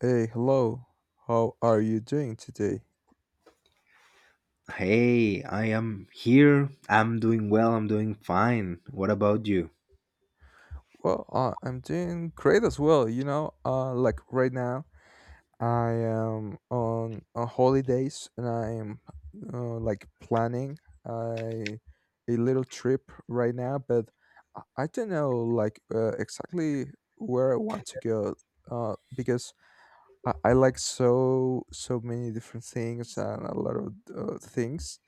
Hey, hello. How are you doing today? Hey, I am here. I'm doing well. I'm doing fine. What about you? Well, I'm doing great as well. Like right now, I am on holidays, and I'm like planning I, a little trip right now, but I don't know, like, exactly where I want to go, because I like so many different things and a lot of things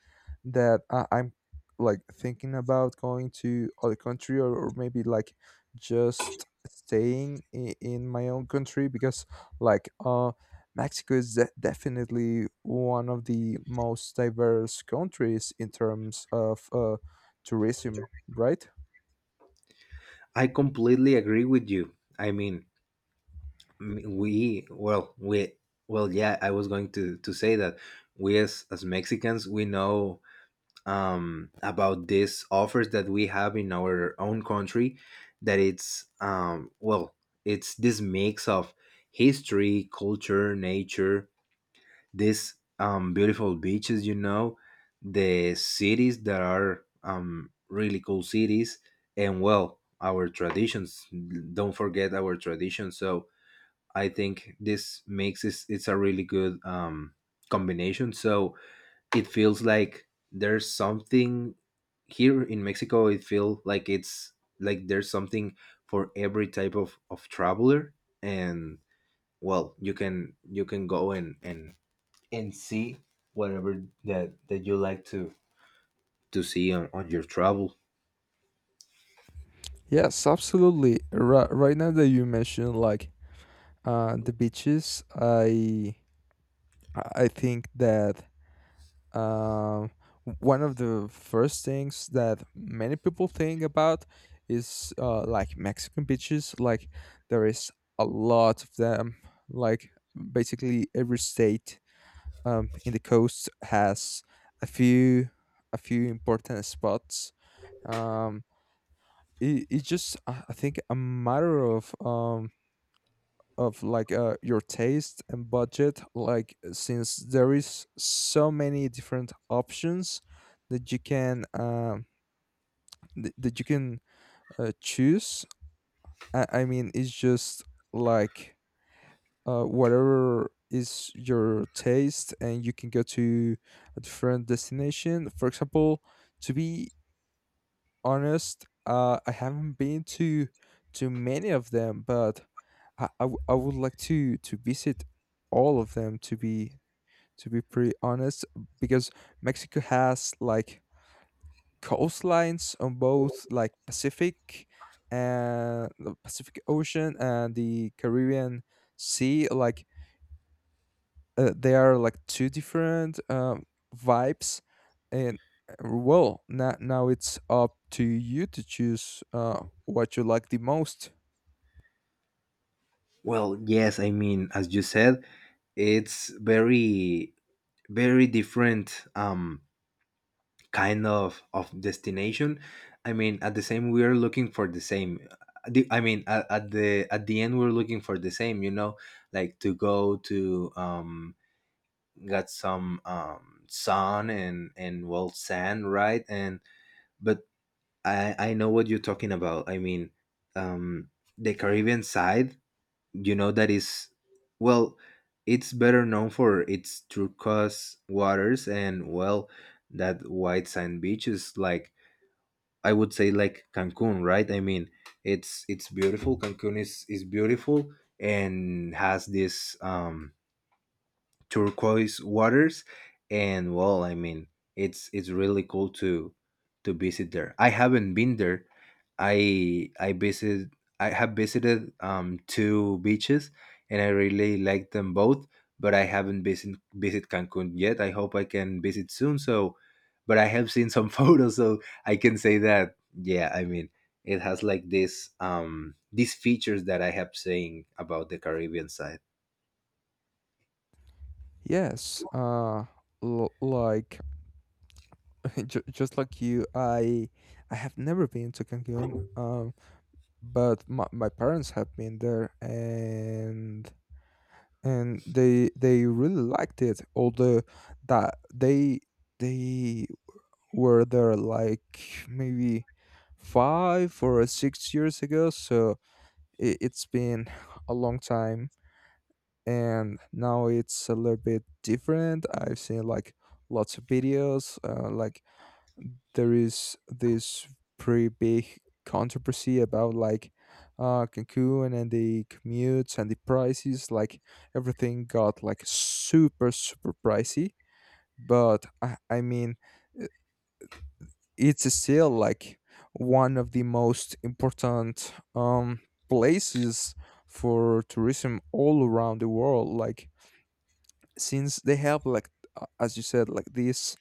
that I'm like thinking about going to other country, or maybe like just staying in my own country, because like Mexico is definitely one of the most diverse countries in terms of tourism, right? I completely agree with you. I mean, m- we, well, we, I was going to say that we as Mexicans, we know about these offers that we have in our own country that it's, um, well, it's this mix of history, culture, nature, these beautiful beaches, you know, the cities that are really cool cities, and well, our traditions. Don't forget our traditions. So I think this makes it's a really good combination. So it feels like there's something here in Mexico. It feels like it's like there's something for every type of traveler, and well, you can go and and see whatever that you like to see on your travel. Yes, absolutely. Right now that you mentioned, like, the beaches, I think that, um, one of the first things that many people think about is like Mexican beaches. Like, there is a lot of them. Like, basically every state, in the coast, has a few a few important spots. Um, it's just, I think, a matter of, like, your taste and budget, like, since there is so many different options that you can that you can, choose. I mean, it's just like, whatever is your taste, and you can go to a different destination, for example. To be honest, I haven't been to many of them, but I would like to visit all of them, to be pretty honest, because Mexico has like coastlines on both, like, Pacific and the Pacific Ocean and the Caribbean Sea. Like, they are like two different, vibes, and, well, now it's up to you to choose what you like the most. Well, yes, I mean, as you said, it's very very different kind of destination. I mean, at the same we are looking for the same. I mean at the end we're looking for the same, you know, like to go to got some sun and well sand, right? And but I know what you're talking about. I mean, um, the Caribbean side, you know, that is, well, it's better known for its turquoise waters and well, that white sand beaches. Like I would say, like Cancun, right? I mean, it's beautiful. Cancun is beautiful and has this turquoise waters. And well, I mean, it's really cool to visit there. I haven't been there. I i visited. I have visited two beaches, and I really like them both, but I haven't visit visit Cancun yet. I hope I can visit soon. So but I have seen some photos, so I can say that, yeah, I mean, it has like this these features that I have saying about the Caribbean side. Yes, like just like you, I have never been to Cancun, but my parents have been there, and they really liked it, although that they they were there, like, maybe 5 or 6 years ago. So it's been a long time, and now it's a little bit different. I've seen, like, lots of videos. Like, there is this pretty big controversy about, like, Cancun and the commutes and the prices. Like, everything got like super super pricey. But I mean, it's still like one of the most important, places for tourism all around the world. Like, since they have, like, as you said, like this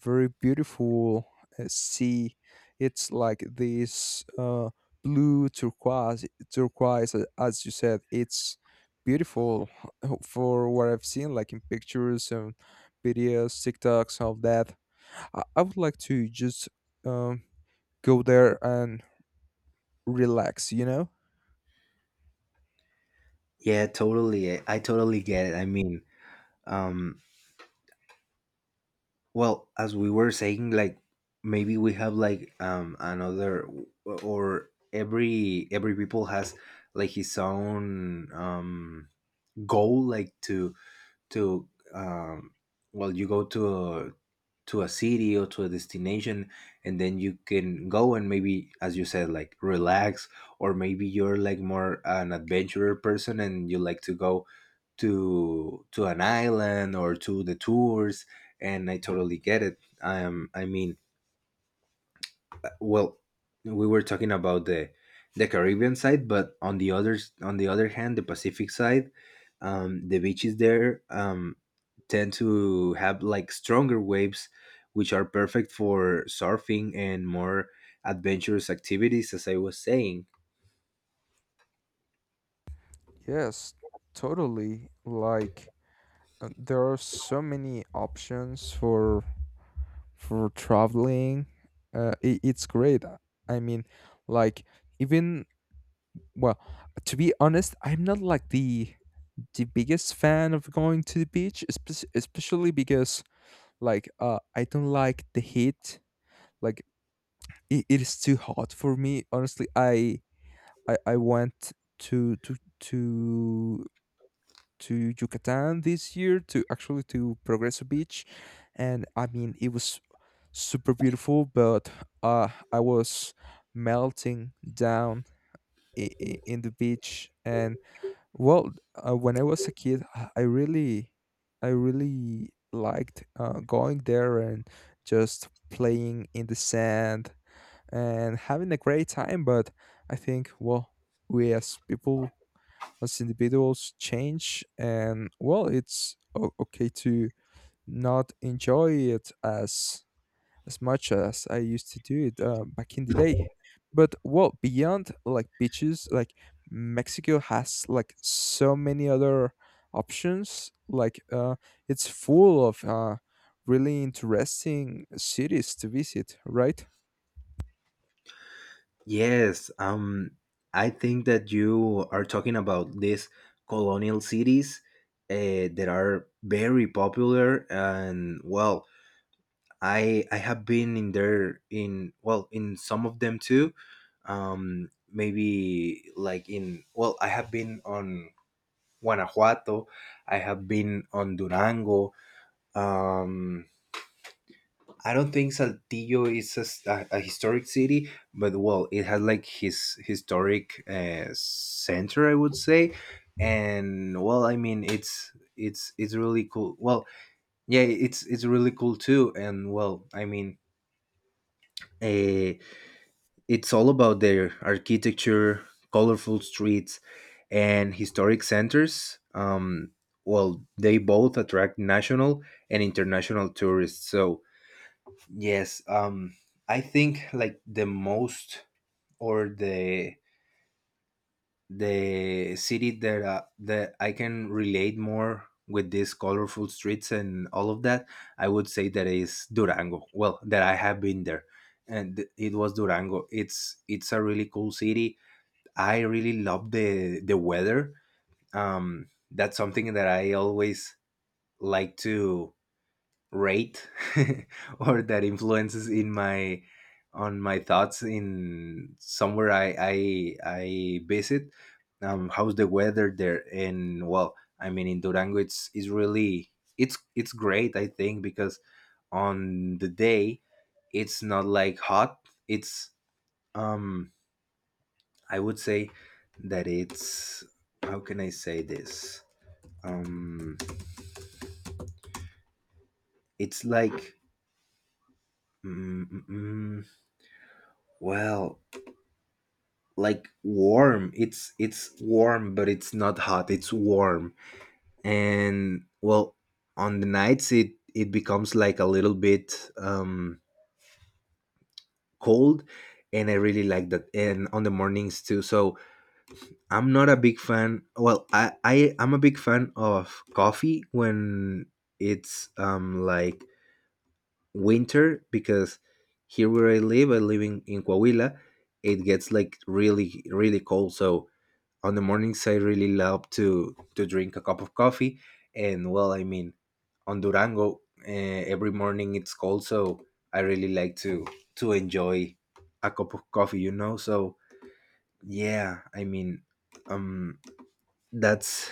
very beautiful, sea. It's like this, blue turquoise as you said. It's beautiful, for what I've seen, like in pictures and videos, TikToks of that, I would like to just, um, go there and relax, you know? Yeah, totally. I totally get it. I mean, um, well, as we were saying, like maybe we have like another, or every people has like his own goal, like to to um well, you go to to a city or to a destination, and then you can go and maybe, as you said, like relax, or maybe you're like more an adventurer person and you like to go to an island or to the tours. And I totally get it. I mean, well, we were talking about the Caribbean side, but on the other hand, the Pacific side, the beaches there tend to have like stronger waves, which are perfect for surfing and more adventurous activities, as I was saying. Yes, totally. Like, there are so many options for traveling. I It's great. I mean, like, even, well, to be honest, I'm not like the biggest fan of going to the beach, especially because like I don't like the heat. Like, it is too hot for me. Honestly, I went to to to to Yucatan this year, to actually, to Progreso Beach, and I mean it was super beautiful, but I was melting down in the beach. And, well, when I was a kid, I really liked going there and just playing in the sand and having a great time. But I think, well, we as people, as individuals, change, and, well, it's okay to not enjoy it as much as I used to do it, back in the day. But, well, beyond, like, beaches, like, Mexico has like so many other options, like, it's full of really interesting cities to visit, right? Yes, I think that you are talking about these colonial cities that are very popular, and well, I have been in there in well in some of them too. Maybe like in well, I have been on Guanajuato, I have been on Durango. Um, I don't think Saltillo is a historic city, but well, it has like his historic center, I would say, and well, I mean, it's it's really cool. Well, yeah, it's really cool too, and well, I mean, uh, it's all about their architecture, colorful streets, and historic centers. Well, they both attract national and international tourists, so yes, I think like the most, or the city that that I can relate more with these colorful streets and all of that, I would say that is Durango. Well, that I have been there, and it was Durango. It's a really cool city. I really love the weather. That's something that I always like to rate or that influences in my on my thoughts in somewhere I visit. How's the weather there? And well, I mean in Durango, it's really it's great. I think because on the day, it's not like hot. It's um I would say that it's how can I say this? Um, it's like mm, mm, mm, well, like warm. It's warm, but it's not hot, it's warm. And well, on the nights it it becomes like a little bit cold, and I really like that, and on the mornings too. So I'm not a big fan, well, I'm a big fan of coffee when it's like winter, because here where I live in Coahuila, it gets like really really cold. So on the mornings I really love to drink a cup of coffee, and well, I mean, on Durango every morning it's cold, so I really like to enjoy a cup of coffee, you know. So yeah, I mean, um, that's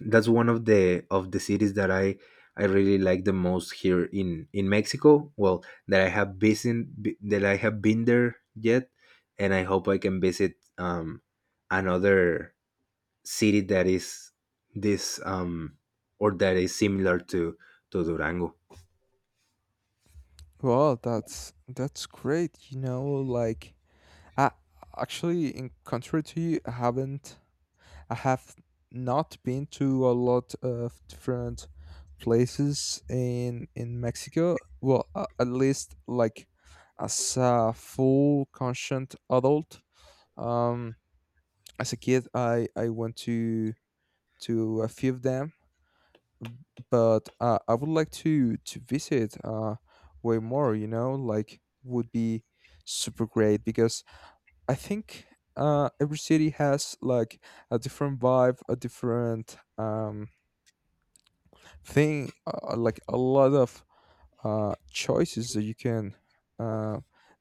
that's one of the cities that I really like the most here in Mexico. Well, that I have been there yet, and I hope I can visit another city that is this or that is similar to Durango. Well, that's great, you know. Like, I, actually, in contrary to you, I haven't. I have not been to a lot of different places in Mexico. Well, at least, like, as a full conscient adult. Um, as a kid, I went to a few of them, but I would like to visit, way more. You know, like, would be super great, because I think every city has like a different vibe, a different, thing, like a lot of choices that you can, uh,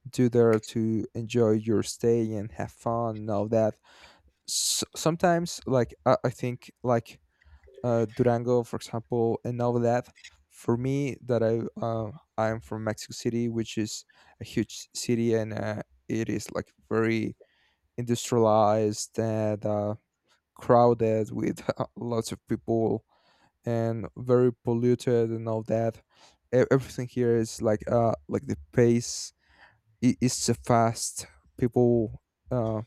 do there to enjoy your stay and have fun and all that. S Sometimes, like, I think, like, Durango, for example, and all that. For me, that I'm from Mexico City, which is a huge city, and, it is like very industrialized and, crowded with lots of people and very polluted and all that. Everything here is like, like, the pace is so fast. People, uh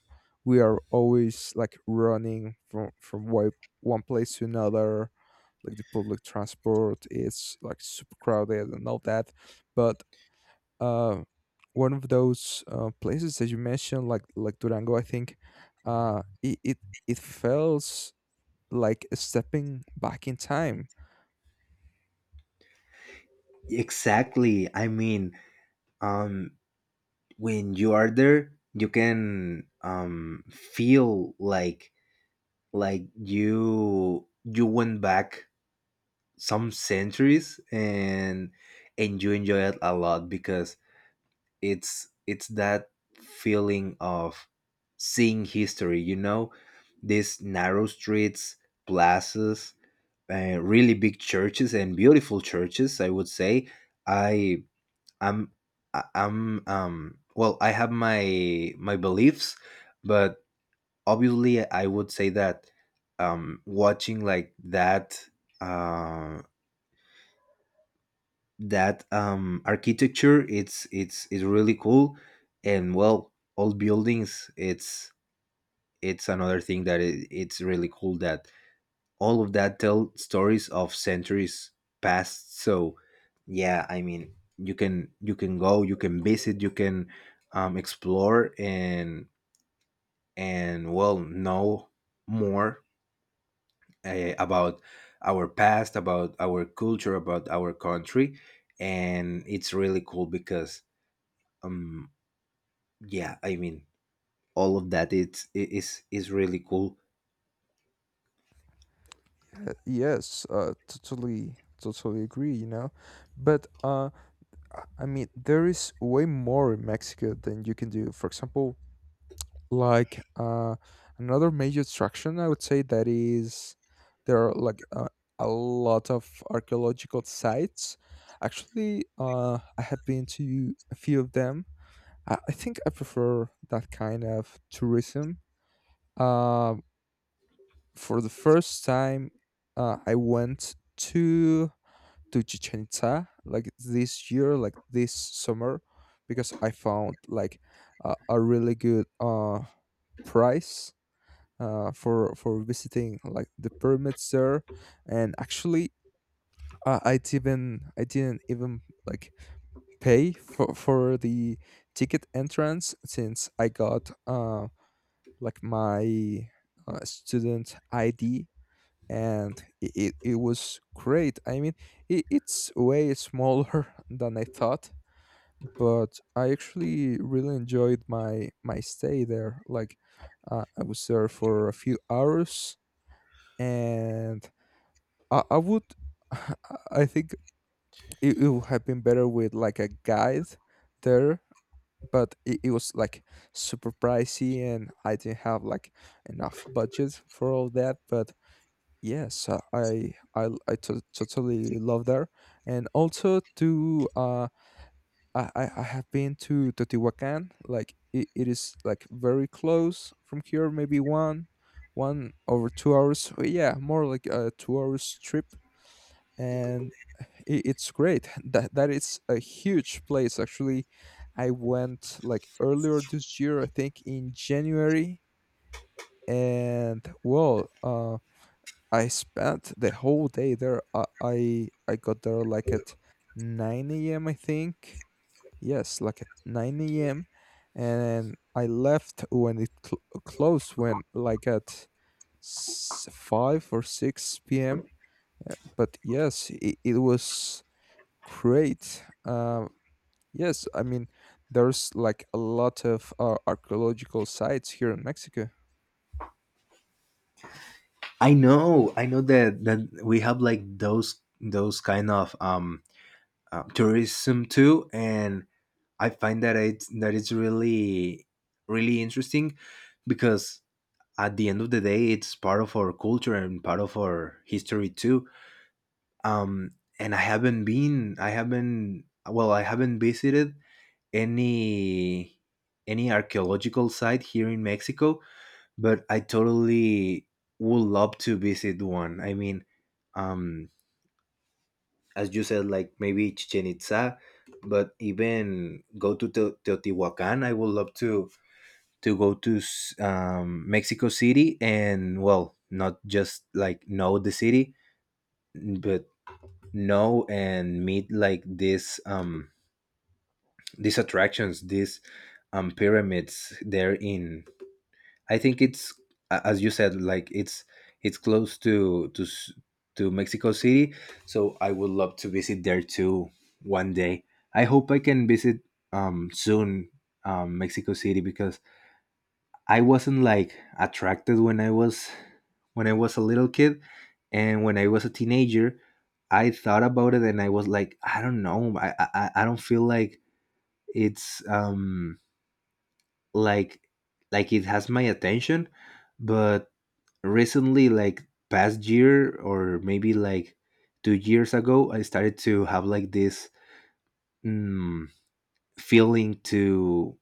we are always like running from one place to another. Like, the public transport is like super crowded and all that, but uh, one of those, places that you mentioned, like Durango, I think, uh, it, it it feels like stepping back in time. Exactly. I mean, um when you are there, you can feel like you went back some centuries, and you enjoy it a lot because it's that feeling of seeing history, you know, these narrow streets, plazas, really big churches and beautiful churches, I would say. I am I- I'm well, I have my beliefs, but obviously I would say that watching like that uh architecture, it's it's really cool. And well, old buildings, it's another thing that it's really cool, that all of that tell stories of centuries past. So yeah, I mean, you can go, you can visit, you can explore and well know more about our past, about our culture, about our country. And it's really cool because um yeah, I mean, all of that is is really cool. Yes, totally, totally agree, you know. But I mean, there is way more in Mexico than you can do. For example, like, another major attraction, I would say, that is, there are like, a lot of archaeological sites. Actually, I have been to a few of them. I think I prefer that kind of tourism. uh, for the first time, I went to Chichen Itza, like this year, like this summer, because I found, like, a really good, price, for visiting like the pyramids there. And actually, I didn't even like pay for the ticket entrance, since I got, like, my, student ID, and it was great. I mean, it's way smaller than I thought, but I actually really enjoyed my stay there, like, I was there for a few hours. And I would I think it would have been better with like a guide there, but it was like super pricey, and I didn't have like enough budget for all that. But yes, I totally love there. And also to I have been to Teotihuacan. Like, it is like very close from here, maybe one over 2 hours, yeah, more like a 2 hours trip. And i- it's great that is a huge place. Actually, I went like earlier this year, I think, in January. And, well, I spent the whole day there. I got there, like, at 9 a.m., I think. Yes, like, at 9 a.m. And I left when it closed, when, like, at 5 or 6 p.m. But yes, it was great. Yes, I mean, there's like a lot of, archaeological sites here in Mexico. I know I know that we have like those kind of tourism too, and I find that it's really really interesting because at the end of the day, it's part of our culture and part of our history too. Um, and I haven't been, I haven't, well, I haven't visited any any archaeological site here in Mexico, but I totally would love to visit one. I mean, um, as you said, like maybe Chichen Itza, but even go to Teotihuacan. I would love to go to Mexico City, and well, not just like know the city, but know and meet like this these attractions, these pyramids there in. I think it's as you said, like it's close to to Mexico City, so I would love to visit there too one day. I hope I can visit soon Mexico City, because I wasn't like attracted when I was a little kid, and when I was a teenager, I thought about it and I was like, I don't know, I don't feel like it's like like it has my attention. But recently, like past year or maybe like 2 years ago, I started to have like this mm, feeling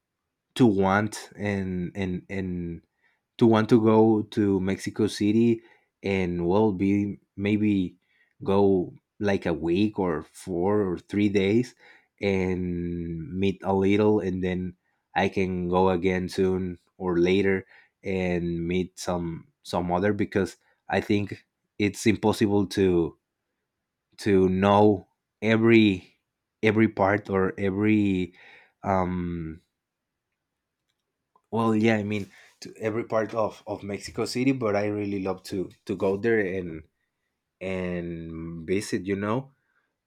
to want and to want to go to Mexico City, and well, be maybe go like a week, or 4 or 3 days, and meet a little, and then I can go again soon or later, and meet some other. Because I think it's impossible to know every every part or every um well, yeah, I mean, to every part of Mexico City, but I really love to go there and visit. You know,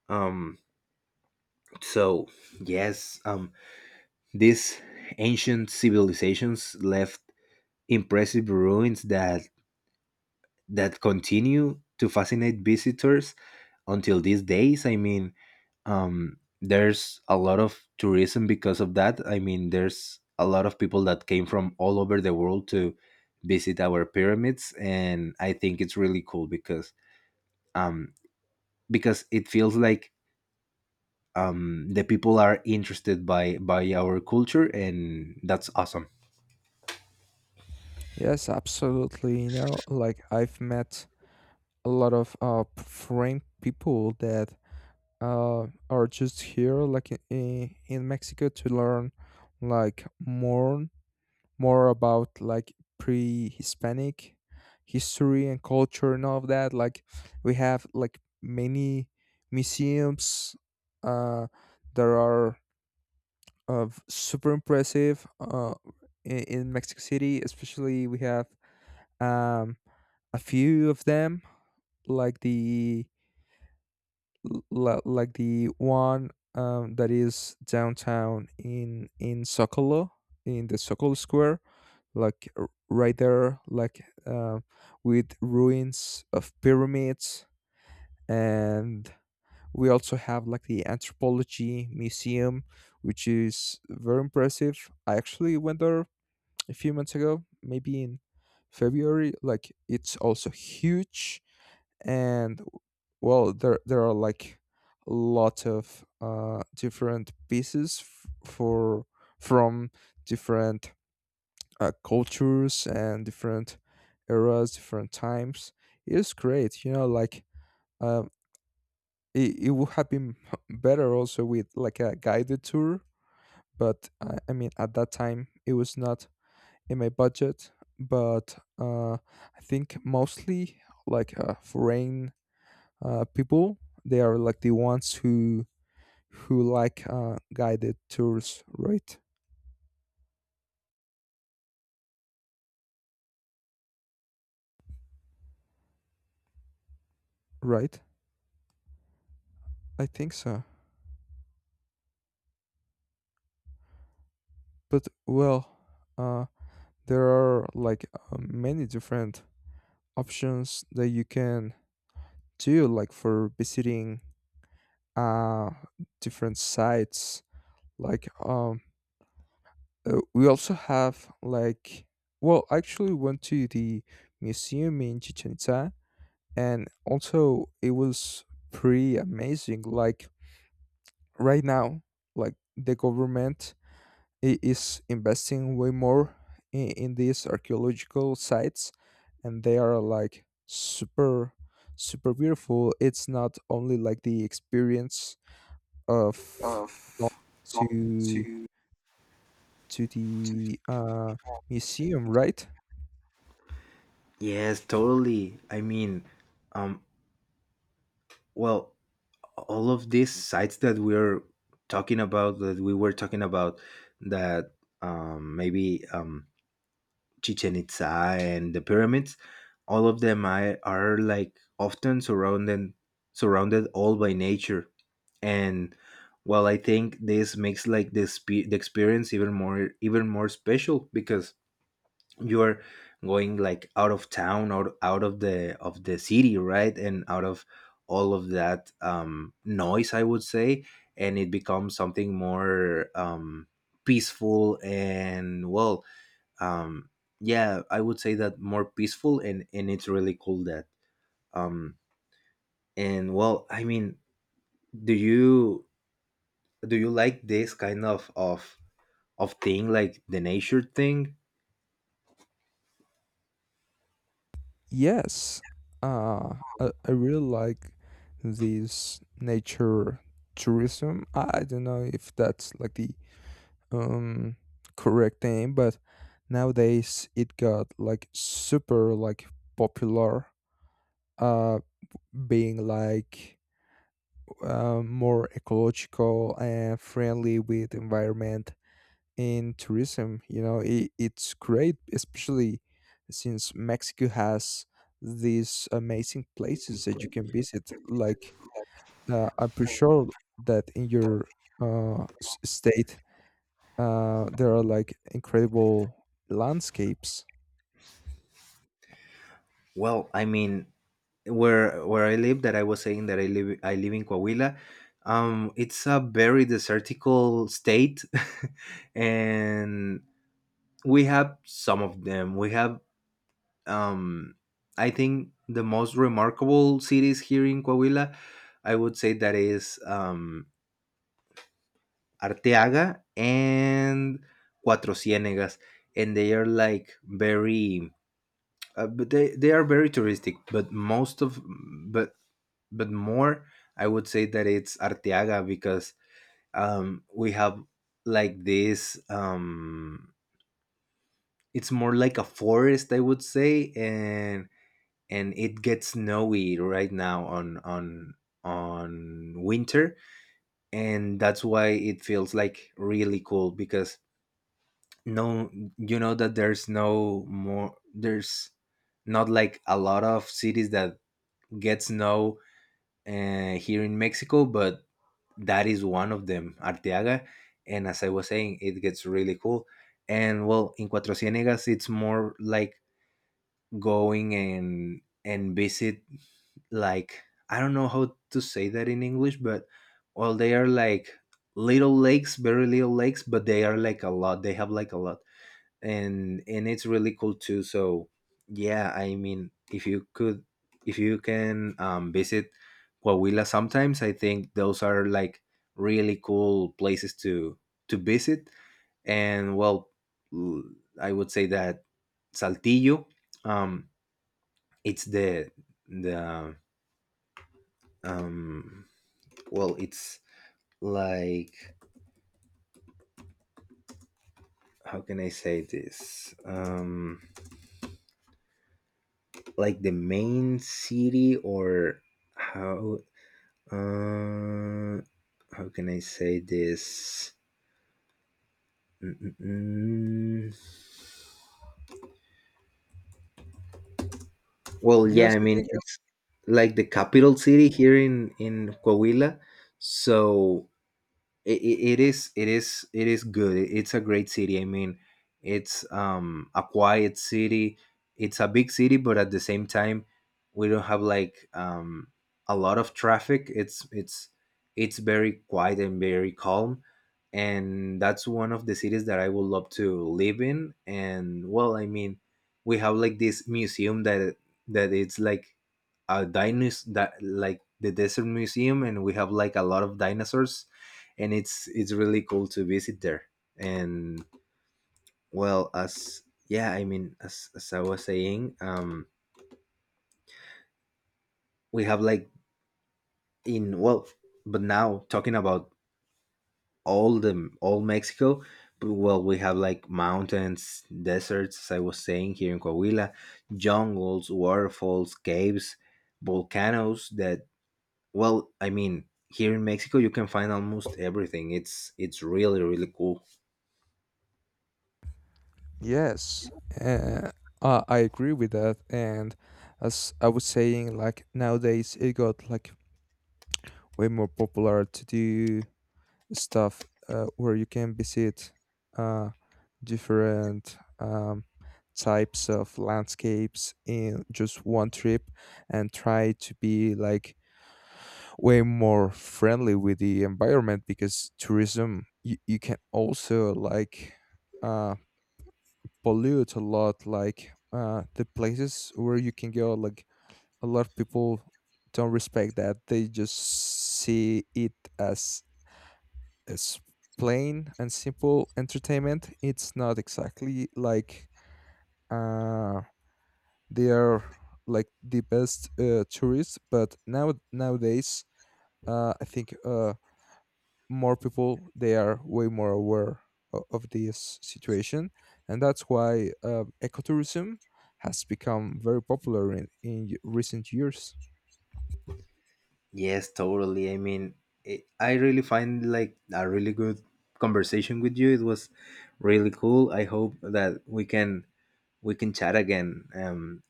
um, so yes, these ancient civilizations left impressive ruins that continue to fascinate visitors until these days. I mean, there's a lot of tourism because of that. I mean, there's a lot of people that came from all over the world to visit our pyramids, and I think it's really cool um because it feels like the people are interested by our culture, and that's awesome. Yes, absolutely. Like, I've met a lot of foreign people that, are just here, like, in Mexico, to learn like more about like pre-Hispanic history and culture and all of that. Like, we have like many museums, uh, that are of super impressive, in Mexico City. Especially we have, um, a few of them, like like the one, that is downtown in Zocalo, in the Zocalo Square, like, right there, like, with ruins of pyramids. And we also have like the anthropology museum, which is very impressive. I actually went there a few months ago, maybe in February. Like, it's also huge, and, well, there are like a lot of, different pieces, f- for from different, cultures, and different eras, different times. It's great, you know. Like, um, it would have been better also with like a guided tour, but I mean, at that time it was not in my budget. But, I think mostly, like, foreign, people, they are like the ones who like, guided tours, right? Right? I think so. But, well, uh, there are like, many different options that you can do, like, for visiting, uh different sites, like, we also have like, well, I actually went to the museum in Chichen Itza, and also it was pretty amazing. Like, right now, like, the government is investing way more in these archaeological sites, and they are like super super beautiful. It's not only like the experience of to to the museum, right? Yes, totally, I mean, um well, all of these sites that we're talking about that maybe Chichen Itza and the pyramids, all of them, I, are like often surrounded all by nature. And well, I think this makes like this the the experience even more special, because you're going like out of town, or out of the city, right? And out of all of that noise, I would say, and it becomes something more peaceful. And well, um yeah, I would say that more peaceful, and it's really cool that um and well, I mean, do you like this kind of thing, like the nature thing? Yes, I really like this nature tourism. I don't know if that's like the, um correct name, but nowadays it got like super, like, popular, uh being like, more ecological and friendly with environment in tourism. It's great, especially since Mexico has these amazing places that you can visit, like, I'm pretty sure that in your, state, there are like incredible landscapes. Well, I mean, where I live, that I was saying that I live in Coahuila. It's a very desertical state, and we have some of them. We have um, I think the most remarkable cities here in Coahuila. I would say that is Arteaga and Cuatro Ciénegas, and they are like very but they are very touristic, but most of but but more I would say that it's Arteaga, because we have like this it's more like a forest, I would say. And it gets snowy right now on winter, and that's why it feels like really cool, because no, you know that there's no more there's not like a lot of cities that get snow here in Mexico, but that is one of them, Arteaga. And as I was saying, it gets really cool. And well, in Cuatro Ciénegas, it's more like going and visit like, I don't know how to say that in English, but well, they are like little lakes, very little lakes, but they are like a lot. They have like a lot. And it's really cool too. So yeah, I mean, if you could, if you can visit Coahuila sometimes, I think those are like really cool places to visit. And well, l- I would say that Saltillo um it's the um well, it's like how can I say this? Like the main city, or how, Uh, how can I say this? Mm-mm-mm. Well, yeah, Yes, I I mean think. it's like the Mm. capital city here in Coahuila, so it is it is good, it's a great city. I mean, it's a quiet city, it's a big city, but at the same time we don't have like a lot of traffic. It's it's very quiet and very calm, and that's one of the cities that I would love to live in. And well, I mean, we have like this museum, that it's like a dinosaur, that like the desert museum, and we have like a lot of dinosaurs, and it's really cool to visit there. And well, as yeah, I mean, as I was saying, we have like in well, but now talking about all Mexico, but well, we have like mountains, deserts, as I was saying here in Coahuila, jungles, waterfalls, caves, volcanoes. That well, I mean, here in Mexico, you can find almost everything. It's really really cool. Yes, uh, I agree with that. And as I was saying, like, nowadays it got like way more popular to do stuff, where you can visit, uh, different, types of landscapes in just one trip, and try to be like way more friendly with the environment, because tourism, you can also like, uh pollute a lot, like, the places where you can go, like a lot of people don't respect that. They just see it as as plain and simple entertainment. It's not exactly like, uh they are like the best, tourists. But now nowadays, I think, more people they are way more aware of this situation. And that's why, ecotourism has become very popular in recent years. Yes, totally, I mean, I really find like a really good conversation with you. It was really cool. I hope that we can chat again.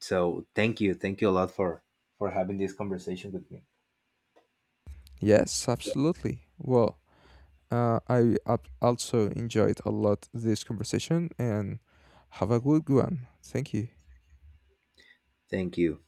So thank you, a lot for having this conversation with me. Yes, absolutely. Well, I also enjoyed a lot this conversation, and have a good one. Thank you. Thank you.